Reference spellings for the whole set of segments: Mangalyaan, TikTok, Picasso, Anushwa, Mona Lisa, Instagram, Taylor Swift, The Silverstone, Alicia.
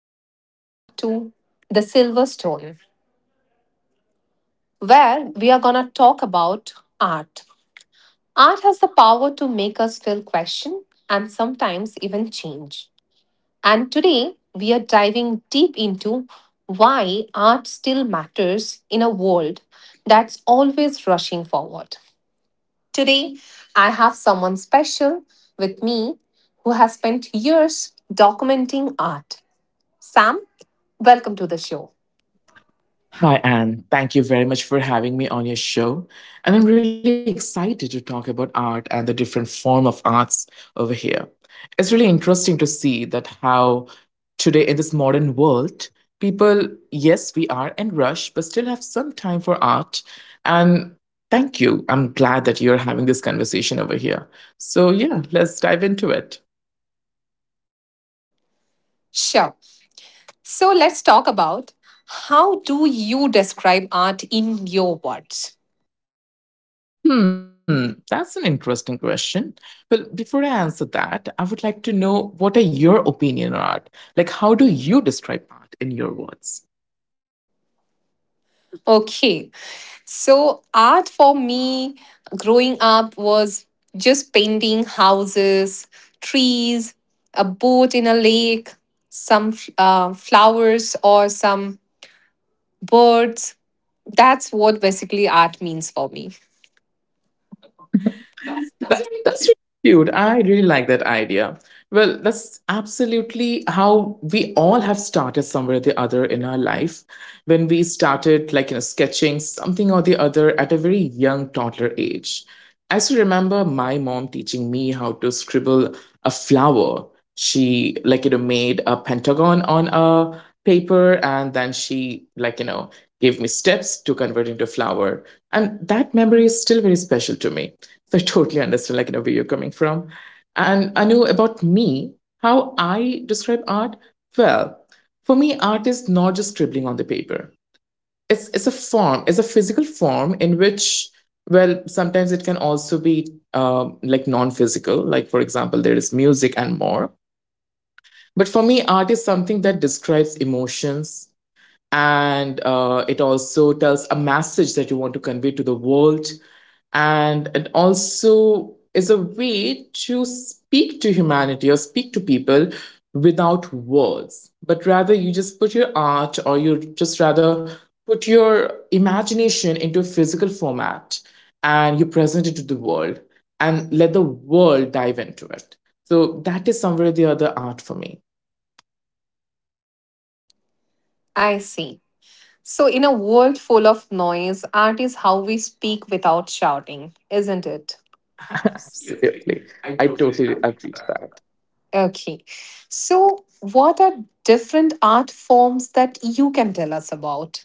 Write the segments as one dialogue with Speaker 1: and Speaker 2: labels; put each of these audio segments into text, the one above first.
Speaker 1: and welcome back to The Silverstone, where we are going to talk about art. Art has the power to make us feel question and sometimes even change. And today, we are diving deep into why art still matters in a world that's always rushing forward. Today, I have someone special with me who has spent years documenting art. Sam, welcome to the show.
Speaker 2: Hi, Anne. Thank you very much for having me on your show. And I'm really excited to talk about art and the different form of arts over here. It's really interesting to see that how today in this modern world, people, yes, we are in rush, but still have some time for art. And thank you. I'm glad that you're having this conversation over here. So yeah, let's dive into it.
Speaker 1: Sure. So let's talk about, how do you describe art in your words?
Speaker 2: Hmm, that's an interesting question. Well, before I answer that, I would like to know what are your opinion on art? Like, how do you describe art in your words?
Speaker 1: Okay. So art for me growing up was just painting houses, trees, a boat in a lake, some flowers or some birds. That's what basically art means for me.
Speaker 2: That's really cute. I really like that idea. Well, that's absolutely how we all have started somewhere or the other in our life. When we started, like you know, sketching something or the other at a very young toddler age. I still remember my mom teaching me how to scribble a flower. She like you know made a pentagon on a paper and then she like you know gave me steps to convert into flower. And that memory is still very special to me. So I totally understood, like, you know, where you're coming from. And I know about me, how I describe art. Well, for me, art is not just scribbling on the paper. It's a form, it's a physical form in which, well, sometimes it can also be like non-physical. Like for example, there is music and more. But for me, art is something that describes emotions, and it also tells a message that you want to convey to the world, and it also is a way to speak to humanity or speak to people without words, but rather you just put your art, or you just rather put your imagination into a physical format and you present it to the world and let the world dive into it. So that is somewhere or the other art for me.
Speaker 1: I see. So, in a world full of noise, art is how we speak without shouting, isn't it?
Speaker 2: Absolutely. I totally agree to that.
Speaker 1: Okay. So, what are different art forms that you can tell us about?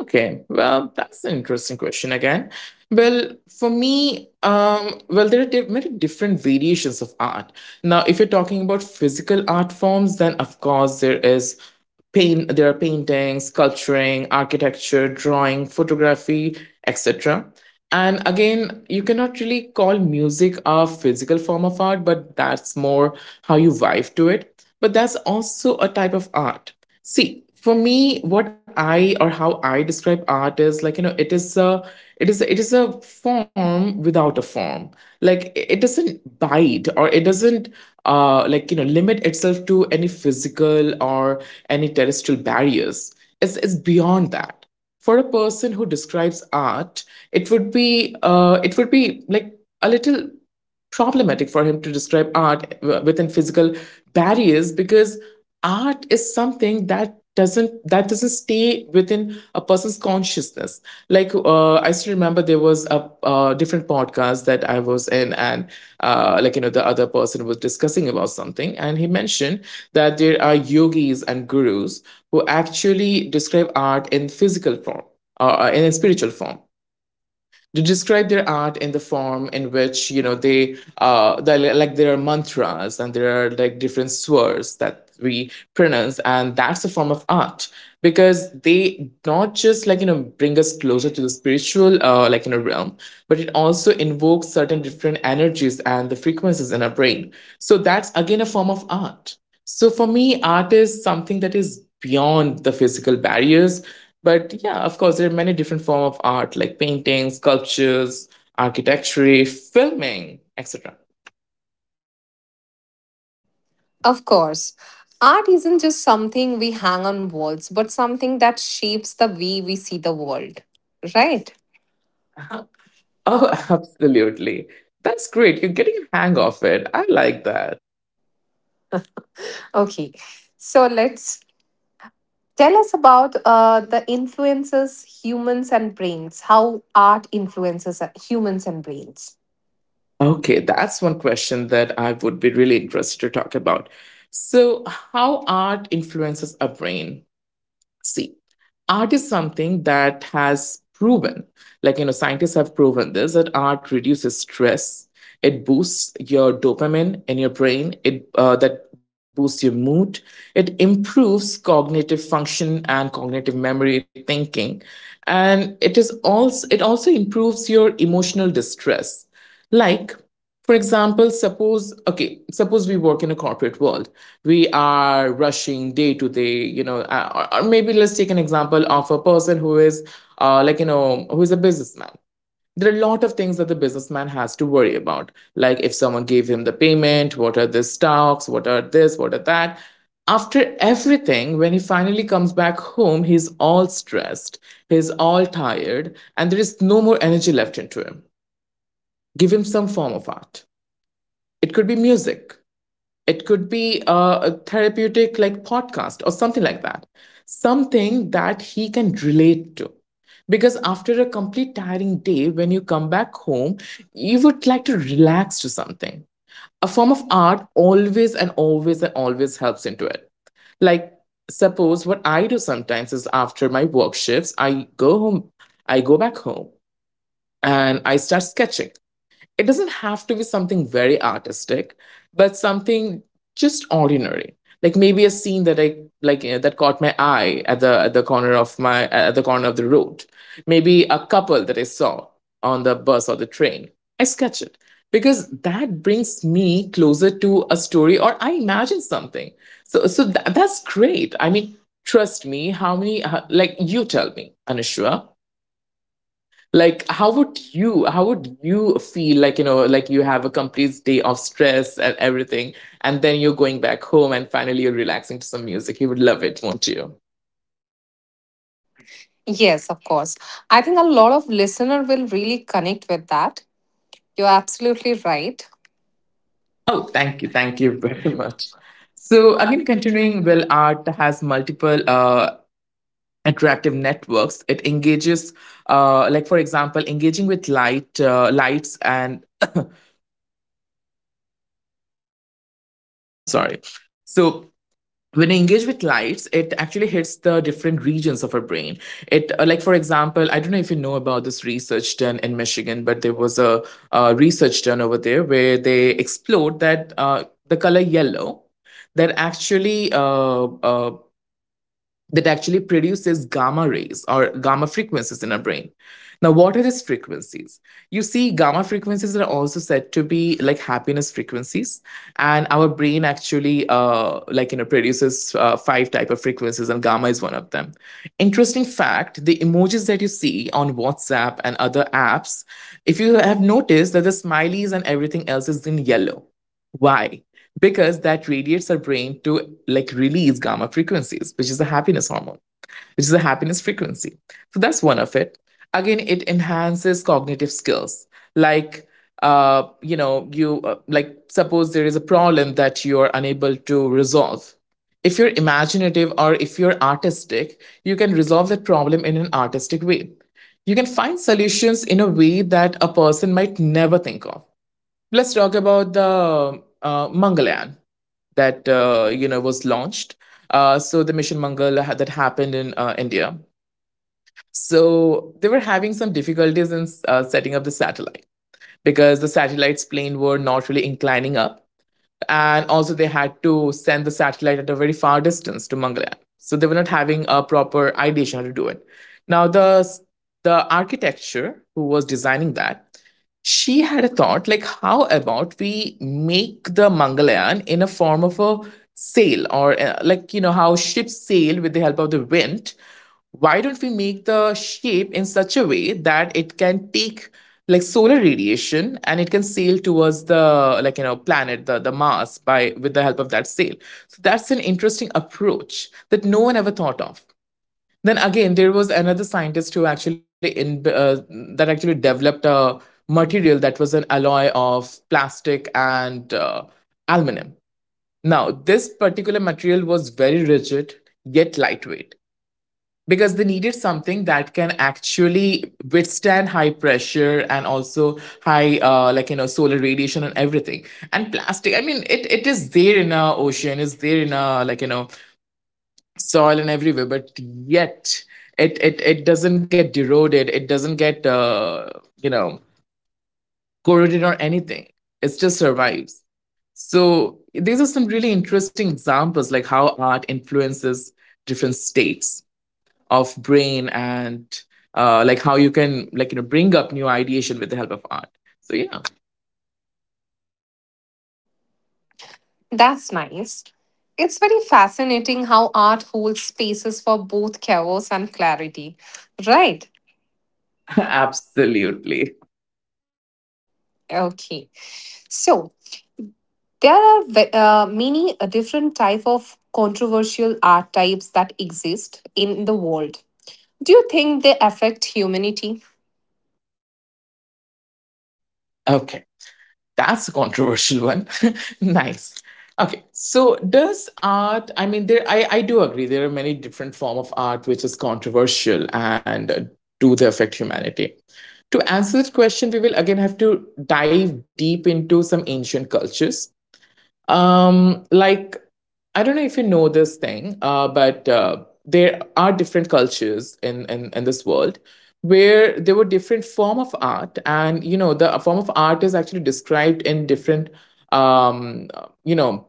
Speaker 2: Okay. Well, that's an interesting question again. Well, for me, well, there are many different variations of art. Now, if you're talking about physical art forms, then of course there is paint, there are painting, sculpturing, architecture, drawing, photography, etc. And again, you cannot really call music a physical form of art, but that's more how you vibe to it, but that's also a type of art. See, for me, what I or how I describe art is like you know, it is a, it is a form without a form. Like it doesn't bite, or it doesn't like you know limit itself to any physical or any terrestrial barriers. It's beyond that. For a person who describes art, it would be like a little problematic for him to describe art within physical barriers, because art is something that doesn't stay within a person's consciousness. Like I still remember there was a different podcast that I was in, and like you know the other person was discussing about something, and he mentioned that there are yogis and gurus who actually describe art in physical form or in a spiritual form, to describe their art in the form in which you know they like, there are mantras and there are like different swords that we pronounce, and that's a form of art, because they not just like you know bring us closer to the spiritual like in a realm, but it also invokes certain different energies and the frequencies in our brain. So that's again a form of art. So for me, art is something that is beyond the physical barriers. But yeah, of course, there are many different forms of art, like paintings, sculptures, architecture, filming, etc.
Speaker 1: Of course, art isn't just something we hang on walls, but something that shapes the way we see the world, right?
Speaker 2: Oh, absolutely. That's great. You're getting a hang of it. I like that.
Speaker 1: Okay. So, let's tell us about the influences humans and brains, how art influences humans and brains.
Speaker 2: Okay, that's one question that I would be really interested to talk about. So, how art influences our brain? See, art is something that has proven, like, you know, scientists have proven this, that art reduces stress. It boosts your dopamine in your brain. It that boosts your mood. It improves cognitive function and cognitive memory thinking, and it is also, it also improves your emotional distress. Like, for example, suppose, okay, suppose we work in a corporate world, we are rushing day to day, you know, or maybe let's take an example of a person who is like you know, who is a businessman. There are a lot of things that the businessman has to worry about, like if someone gave him the payment, what are the stocks, what are this, what are that. After everything, when he finally comes back home, he's all stressed, he's all tired, and there is no more energy left into him. Give him some form of art. It could be music, it could be a therapeutic like podcast or something like that. Something that he can relate to. Because after a complete tiring day, when you come back home, you would like to relax to something. A form of art always and always and always helps into it. Like, suppose what I do sometimes is after my work shifts, I go home, I go back home, and I start sketching. It doesn't have to be something very artistic, but something just ordinary. Like maybe a scene that I like you know, that caught my eye at the corner of my at the corner of the road. Maybe a couple that I saw on the bus or the train. I sketch it because that brings me closer to a story, or I imagine something. That's great. I mean, trust me, how many like you tell me, Anushwa, like how would you feel, like you know, like you have a complete day of stress and everything, and then you're going back home and finally you're relaxing to some music? You would love it, won't you?
Speaker 1: Yes, of course. I think a lot of listener will really connect with that. You're absolutely right.
Speaker 2: Oh, thank you very much. So again, continuing, well, art has multiple attractive networks. It engages like for example engaging with light, lights and I'm sorry. So, when I engage with lights, it actually hits the different regions of our brain. It, like, for example, I don't know if you know about this research done in Michigan, but there was a research done over there where they explored that the color yellow, that actually uh, uh, that actually produces gamma rays or gamma frequencies in our brain. Now, what are these frequencies? You see, gamma frequencies are also said to be like happiness frequencies, and our brain actually like you know produces five type of frequencies, and gamma is one of them. Interesting fact: the emojis that you see on WhatsApp and other apps, if you have noticed that the smileys and everything else is in yellow, why? Because that radiates our brain to like release gamma frequencies, which is a happiness hormone, which is a happiness frequency. So that's one of it. Again, it enhances cognitive skills, like you know, you like suppose there is a problem that you are unable to resolve. If you're imaginative or if you're artistic, you can resolve that problem in an artistic way. You can find solutions in a way that a person might never think of. Let's talk about the Mangalyaan that you know was launched. So the mission that happened in India. So they were having some difficulties in setting up the satellite because the satellite's plane were not really inclining up. And also, they had to send the satellite at a very far distance to Mangalyaan. So they were not having a proper ideation how to do it. Now, the architecture who was designing that, she had a thought like, how about we make the Mangalyaan in a form of a sail or how ships sail with the help of the wind. Why don't we make the shape in such a way that it can take like solar radiation and it can sail towards the planet, the Mars, by with the help of that sail. So that's an interesting approach that no one ever thought of. Then again, there was another scientist who actually in that actually developed a material that was an alloy of plastic and aluminum. Now this particular material was very rigid, yet lightweight, because they needed something that can actually withstand high pressure and also high solar radiation and everything. And plastic, I mean it is there in our ocean, is there in our soil and everywhere, but yet it doesn't get eroded, it doesn't get you know corroded or anything. It just survives. So these are some really interesting examples like how art influences different states of brain, and like how you can bring up new ideation with the help of art. So yeah.
Speaker 1: That's nice. It's very fascinating how art holds spaces for both chaos and clarity. Right.
Speaker 2: Absolutely.
Speaker 1: Okay. So there are many different type of controversial art types that exist in the world. Do you think they affect humanity?
Speaker 2: Okay. That's a controversial one. Nice. Okay. So does art, I mean there I do agree there are many different form of art which is controversial, and do they affect humanity. To answer that question, we will again have to dive deep into some ancient cultures. Um, like, I don't know if you know this thing, but there are different cultures in this world where there were different form of art, and you know the form of art is actually described in different um you know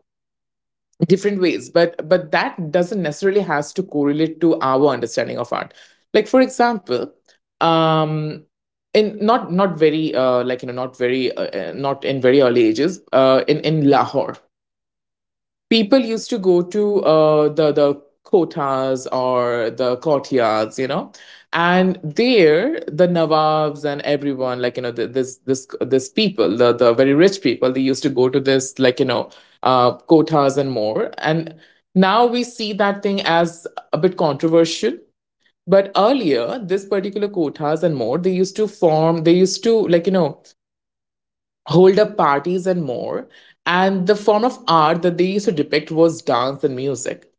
Speaker 2: different ways, but that doesn't necessarily has to correlate to our understanding of art. Like for example, um in not very not very not in very early ages, in Lahore, people used to go to the kotas or the courtyards, you know, and there the nawabs and everyone, this people, the very rich people, they used to go to this, kotas and more. And now we see that thing as a bit controversial. But earlier, this particular kotas and more, they used to form, they used to hold up parties and more. And the form of art that they used to depict was dance and music.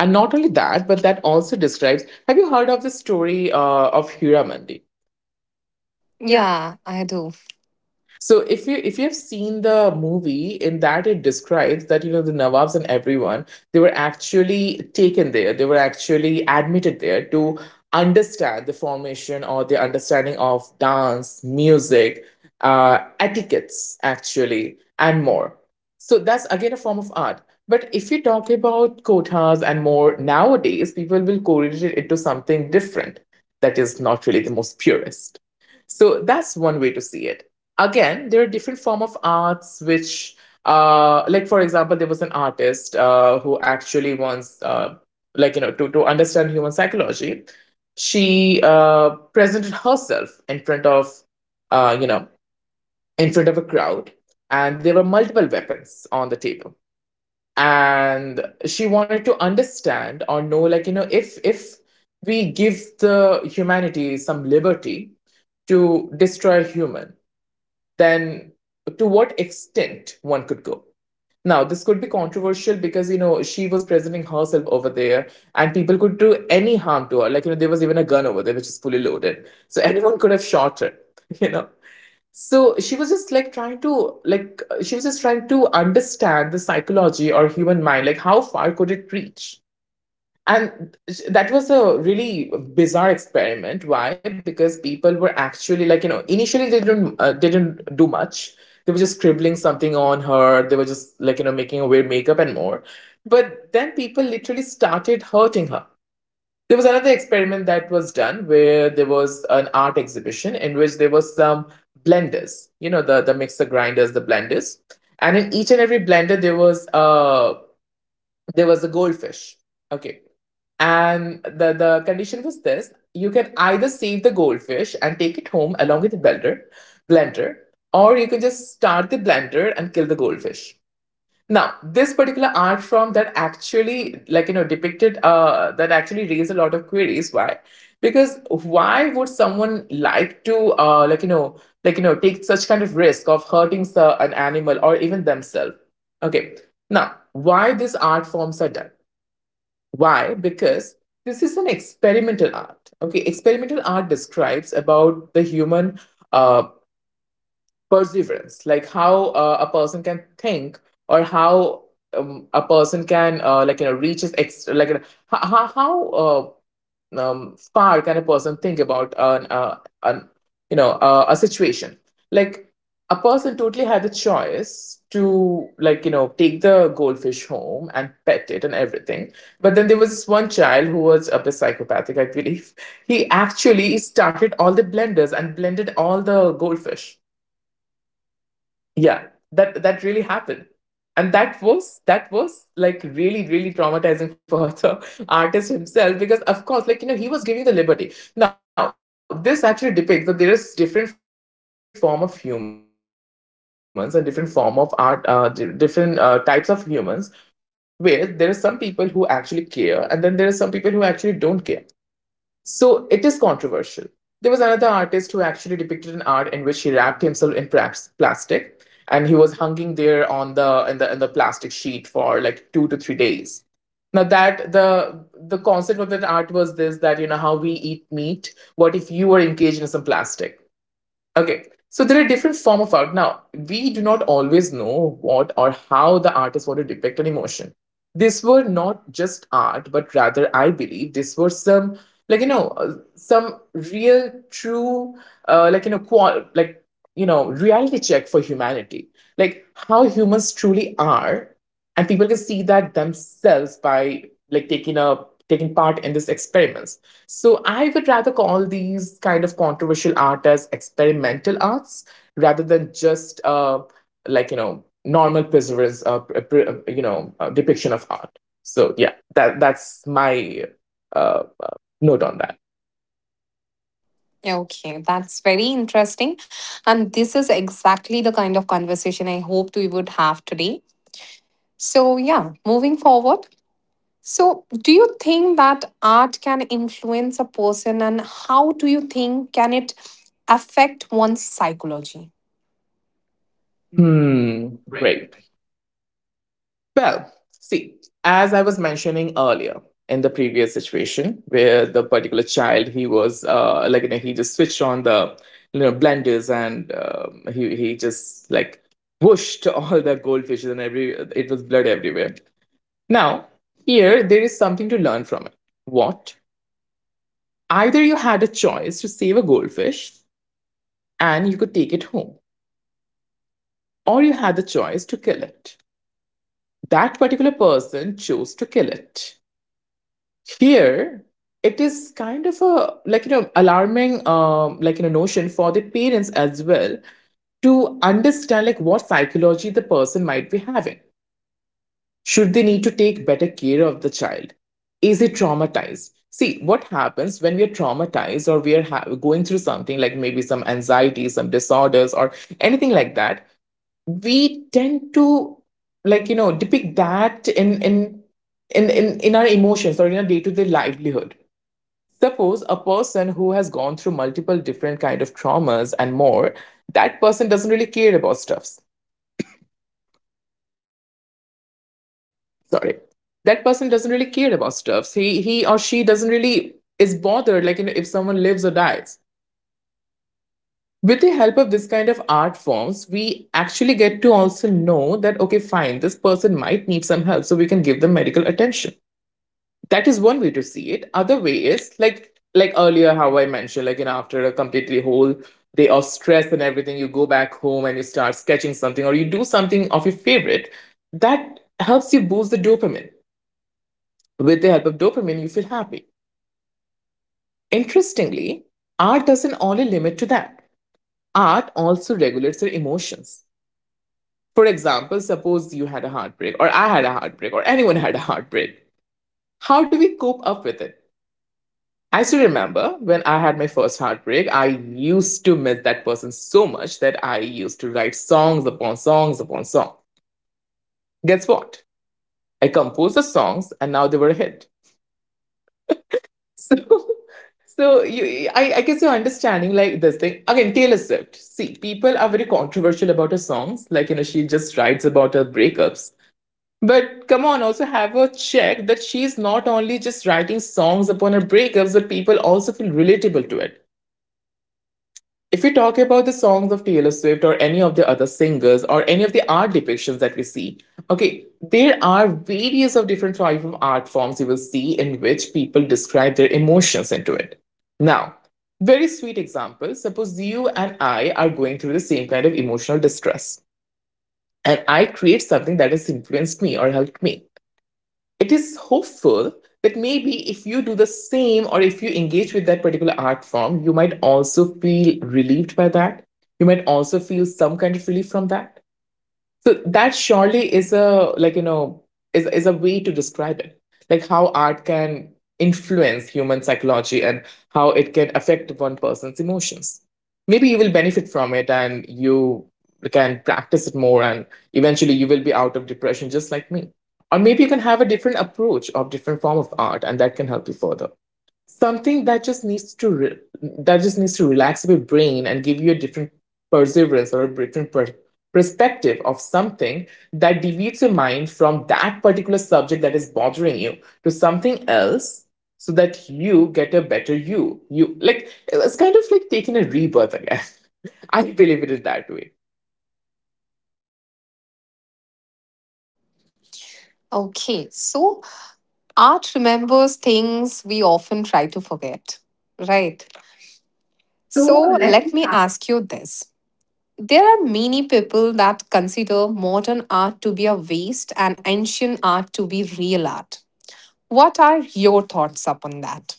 Speaker 2: And not only that, but that also describes. Have you heard of the story of Hira Mandi?
Speaker 1: Yeah, I do.
Speaker 2: So if you have seen the movie, in that it describes that you know the Nawabs and everyone, they were actually taken there, they were actually admitted there to understand the formation or the understanding of dance, music, etiquettes actually, and more. So that's again a form of art. But if you talk about kotas and more nowadays, people will correlate it into something different that is not really the most purest. So that's one way to see it. Again, there are different form of arts which, like for example, there was an artist who actually wants to understand human psychology. She presented herself in front of, uh you know in front of a crowd, and there were multiple weapons on the table. And she wanted to understand or know, if we give the humanity some liberty to destroy human, then to what extent one could go. Now, this could be controversial because, you know, she was presenting herself over there and people could do any harm to her. Like, you know, there was even a gun over there, which is fully loaded. So anyone could have shot her, you know. So she was just like trying to, like, she was just trying to understand the psychology or human mind, like, how far could it reach? And that was a really bizarre experiment. Why? Because people were actually like, you know, initially they didn't do much. They were just scribbling something on her. They were just like, you know, making her wear makeup and more. But then people literally started hurting her. There was another experiment that was done where there was an art exhibition in which there was some blenders, you know, the mixer grinders, the blenders. And in each and every blender there was a goldfish. Okay. And the condition was this: you can either save the goldfish and take it home along with the blender, blender, or you can just start the blender and kill the goldfish. Now, this particular art form that actually, depicted, that actually raised a lot of queries. Why? Because why would someone like to, take such kind of risk of hurting an animal or even themselves? Okay. Now, why these art forms are done? Why? Because this is an experimental art. Okay, experimental art describes about the human uh, perseverance, like how a person can think, or how a person can reach his ex- like you know, how, far can a person think about an you know a situation. Like, a person totally had the choice to take the goldfish home and pet it and everything. But then there was this one child who was a bit psychopathic, I believe. He actually started all the blenders and blended all the goldfish. Yeah, that really happened. And that was like really, really traumatizing for the artist himself, because of course he was giving the liberty. Now this actually depicts that there is different form of humans and different form of art, different types of humans, where there are some people who actually care, and then there are some people who actually don't care. So it is controversial. There was another artist who actually depicted an art in which he wrapped himself in plastic, and he was hanging there on the in the in the plastic sheet for like 2 to 3 days. Now that the concept of that art was this, that you know how we eat meat, what if you were engaged in some plastic? Okay, so there are different form of art. Now, we do not always know what or how the artist wanted to depict an emotion. These were not just art, but rather, I believe these were some some real, true, uh, like you know, qual- like reality check for humanity, like how humans truly are, and people can see that themselves by like taking a taking part in these experiments. So I would rather call these kind of controversial art as experimental arts, rather than just normal preservance, depiction of art. So yeah, that's my uh, note on that.
Speaker 1: Yeah, okay, that's very interesting. And this is exactly the kind of conversation I hoped we would have today. So, yeah, moving forward. So, do you think that art can influence a person, and how do you think can it affect one's psychology?
Speaker 2: Hmm, great. Well, see, as I was mentioning earlier, in the previous situation where the particular child, he was he just switched on the blenders, and he just like whooshed all the goldfishes and every, it was blood everywhere. Now here there is something to learn from it. What? Either you had a choice to save a goldfish and you could take it home, or you had the choice to kill it. That particular person chose to kill it. Here it is kind of a alarming notion for the parents as well, to understand like what psychology the person might be having. Should they need to take better care of the child? Is it traumatized? See what happens when we are traumatized, or we are going through something like maybe some anxiety, some disorders or anything like that, we tend to depict that in our emotions or in our day-to-day livelihood. Suppose a person who has gone through multiple different kind of traumas and more, that person doesn't really care about stuffs. Sorry. That person doesn't really care about stuffs. He or she doesn't really is bothered, if someone lives or dies. With the help of this kind of art forms, we actually get to also know that okay, fine, this person might need some help, so we can give them medical attention. That is one way to see it. Other way is like earlier how I mentioned, after a completely whole day of stress and everything, you go back home and you start sketching something or you do something of your favorite, that helps you boost the dopamine. With the help of dopamine, you feel happy. Interestingly, art doesn't only limit to that. Art also regulates your emotions. For example, suppose you had a heartbreak, or I had a heartbreak, or anyone had a heartbreak, how do we cope up with it? I still remember when I had my first heartbreak, I used to miss that person so much that I used to write songs upon songs upon songs. Guess what? I composed the songs and now they were a hit. So, so you, I guess you're understanding like this thing. Again, Taylor Swift. See, people are very controversial about her songs. Like, you know, she just writes about her breakups. But come on, also have her check that she's not only just writing songs upon her breakups, but people also feel relatable to it. If we talk about the songs of Taylor Swift or any of the other singers or any of the art depictions that we see, okay, there are various of different type of art forms you will see in which people describe their emotions into it. Now, very sweet example. Suppose you and I are going through the same kind of emotional distress, and I create something that has influenced me or helped me, it is hopeful that maybe if you do the same or if you engage with that particular art form, you might also feel relieved by that. You might also feel some kind of relief from that. So that surely is a way to describe it, like how art can influence human psychology and how it can affect one person's emotions. Maybe you will benefit from it and you can practice it more and eventually you will be out of depression just like me. Or maybe you can have a different approach of different form of art and that can help you further, something that just needs to relax your brain and give you a different perseverance or a different perspective of something that deviates your mind from that particular subject that is bothering you to something else, so that you get a better You, like, it's kind of like taking a rebirth again. I believe it is that way.
Speaker 1: Okay, so art remembers things we often try to forget, right?
Speaker 2: So
Speaker 1: So,
Speaker 2: let…
Speaker 1: let me ask you this. There are many people that consider modern art to be a waste and ancient art to be real art. What are your thoughts upon that?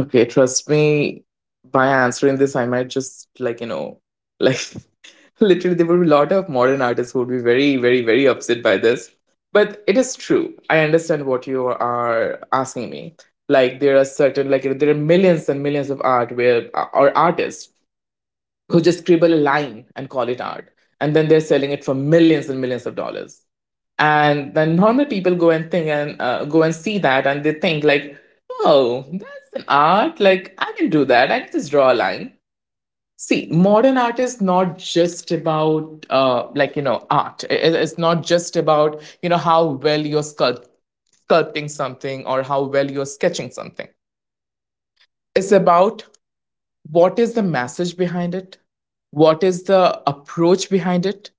Speaker 2: Okay, trust me, by answering this, I might just like literally there will be a lot of modern artists who would be very, very, very upset by this. But it is true. I understand what you are asking me. Like there are certain, like there are millions and millions of art where or artists who just scribble a line and call it art, and then they're selling it for millions and millions of dollars, and then normal people go and think and go and see that, and they think like, oh, that's an art, like I can do that, I can just draw a line. See, modern art is not just about art, it's not just about how well you're sculpting something or how well you're sketching something. It's about what is the message behind it, what is the approach behind it,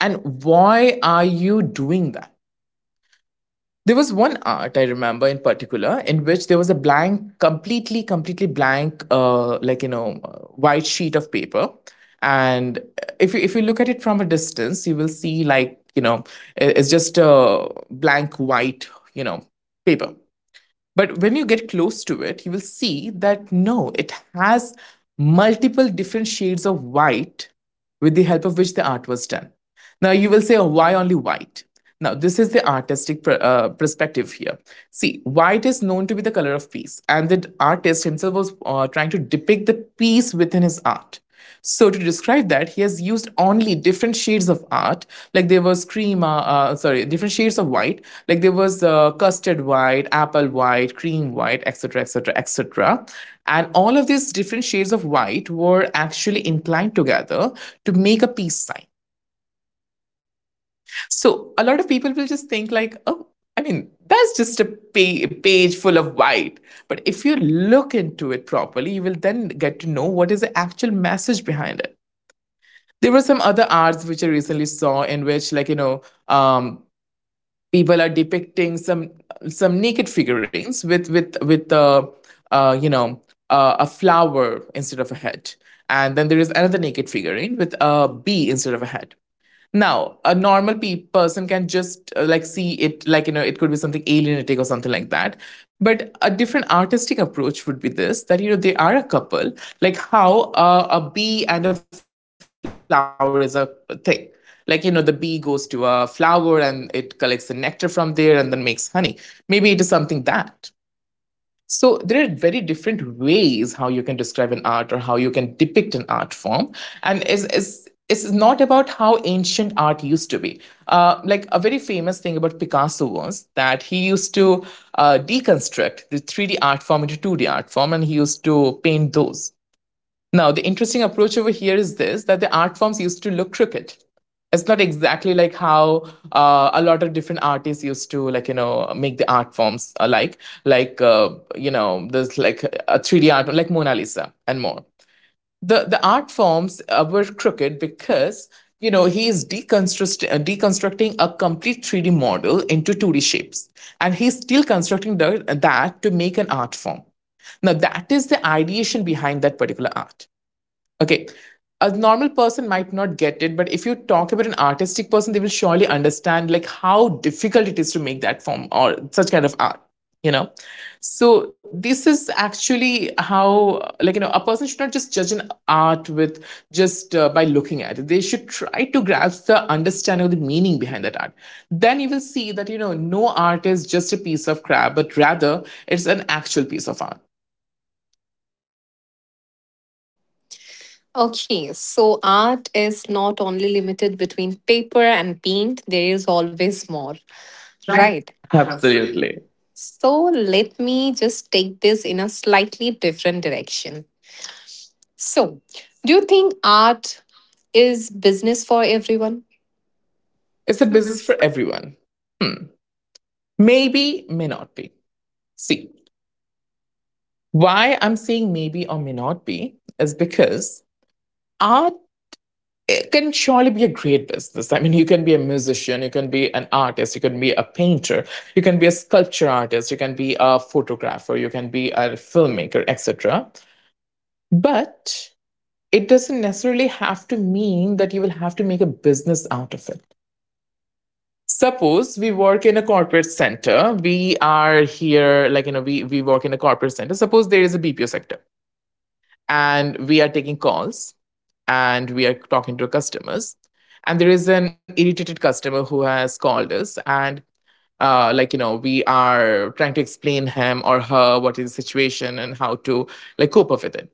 Speaker 2: and why are you doing that. There was one art I remember in particular in which there was a blank, completely, completely blank, white sheet of paper, and if you look at it from a distance, you will see, it's just a blank white you know paper, but when you get close to it, you will see that no, it has multiple different shades of white with the help of which the art was done. Now, you will say, oh, why only white? Now, this is the artistic perspective here. See, white is known to be the color of peace, and the artist himself was trying to depict the peace within his art. So to describe that, he has used only different shades of art. Like there was cream, sorry, different shades of white. Like there was custard white, apple white, cream white, etc., etc., etc. And all of these different shades of white were actually inclined together to make a peace sign. So a lot of people will just think like, oh, I mean, that's just a page full of white. But if you look into it properly, you will then get to know what is the actual message behind it. There were some other arts which I recently saw in which, um, people are depicting some naked figurines with the uh, you know a flower instead of a head, and then there is another naked figurine with a bee instead of a head. Now, a normal person can just like see it, like, it could be something alienating or something like that. But a different artistic approach would be this that, they are a couple, like how a bee and a flower is a thing. Like, the bee goes to a flower and it collects the nectar from there and then makes honey. Maybe it is something that. So there are very different ways how you can describe an art or how you can depict an art form, and it's not about how ancient art used to be. Like, a very famous thing about Picasso was that he used to deconstruct the 3D art form into 2D art form, and he used to paint those. Now, the interesting approach over here is this that the art forms used to look crooked. It's not exactly like how a lot of different artists used to make the art forms alike, like, you know, there's like a 3D art like Mona Lisa and more. the art forms were crooked because he is deconstructing a complete 3D model into 2D shapes, and he's still constructing the, that to make an art form. Now that is the ideation behind that particular art. Okay. A normal person might not get it, but if you talk about an artistic person, they will surely understand like how difficult it is to make that form or such kind of art, you know? So this is actually how a person should not just judge an art with just by looking at it. They should try to grasp the understanding of the meaning behind that art. Then you will see that no art is just a piece of crap, but rather it's an actual piece of art.
Speaker 1: Okay, so art is not only limited between paper and paint, there is always more.
Speaker 2: Right.
Speaker 1: Right.
Speaker 2: Absolutely.
Speaker 1: So let me just take this in a slightly different direction. So, do you think art is business for everyone?
Speaker 2: It's a business for everyone. Hmm. Maybe, may not be. See, why I'm saying maybe or may not be is because our. It can surely be a great business. I mean, you can be a musician, you can be an artist, you can be a painter, you can be a sculpture artist, you can be a photographer, you can be a filmmaker, etc. But it doesn't necessarily have to mean that you will have to make a business out of it. Suppose we work in a corporate center, we are here, like, we work in a corporate center. Suppose there is a BPO sector and we are taking calls and we are talking to customers, and there is an irritated customer who has called us, and like, we are trying to explain him or her what is the situation and how to like cope up with it.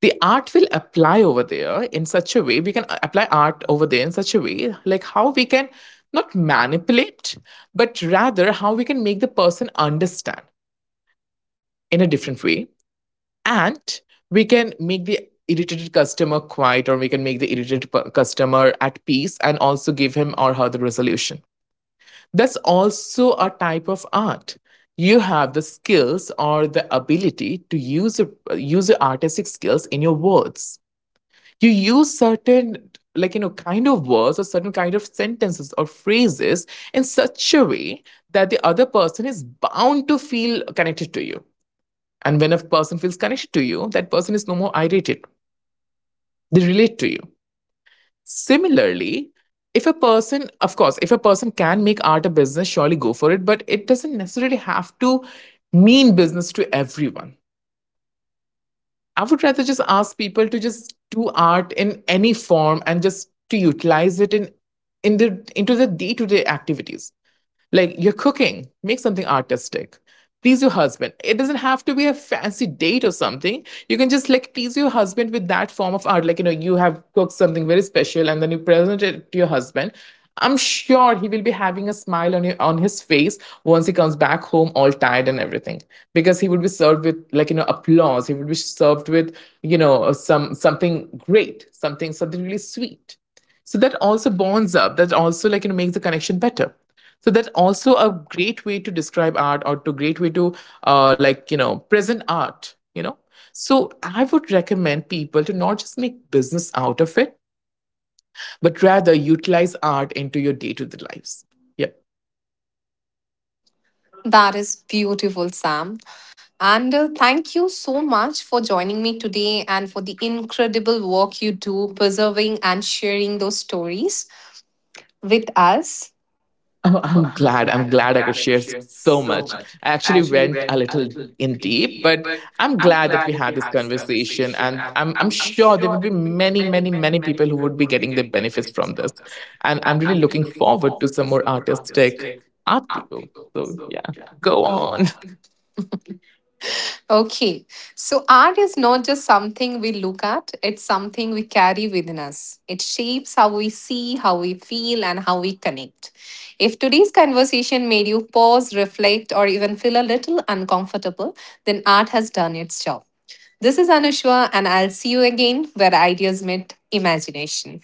Speaker 2: The art will apply over there in such a way, we can apply art over there in such a way, like how we can not manipulate, but rather how we can make the person understand in a different way, and we can make the irritated customer quiet, or we can make the irritated customer at peace and also give him or her the resolution. That's also a type of art. You have the skills or the ability to use your artistic skills in your words. You use certain kind of words or certain kind of sentences or phrases in such a way that the other person is bound to feel connected to you, and when a person feels connected to you, that person is no more irritated. They relate to you. Similarly, if a person, of course, if a person can make art a business, surely go for it, but it doesn't necessarily have to mean business to everyone. I would rather just ask people to just do art in any form and just to utilize it in the, into the day to day activities. Like, you're cooking, make something artistic. Please your husband. It doesn't have to be a fancy date or something. You can just like please your husband with that form of art. Like, you have cooked something very special and then you present it to your husband. I'm sure he will be having a smile on his face once he comes back home all tired and everything, because he would be served with applause, he would be served with something great, something really sweet. So that also bonds up, that also makes the connection better, so that's also a great way to describe art, or to great way to present art. So I would recommend people to not just make business out of it, but rather utilize art into your day-to-day lives, yeah.
Speaker 1: That is beautiful, Sam. And thank you so much for joining me today and for the incredible work you do preserving and sharing those stories with us.
Speaker 2: Oh, I'm glad. I'm glad I could share so much. I actually went a little in deep, but I'm glad that we had this conversation. And I'm sure there would be many, many, many people who would be getting the benefits from this. And I'm really looking forward to some more artistic art people. So, yeah, go on.
Speaker 1: Okay. So, art is not just something we look at, it's something we carry within us. It shapes how we see, how we feel, and how we connect. If today's conversation made you pause, reflect, or even feel a little uncomfortable, then art has done its job. This is Anushwa, and I'll see you again where ideas meet imagination.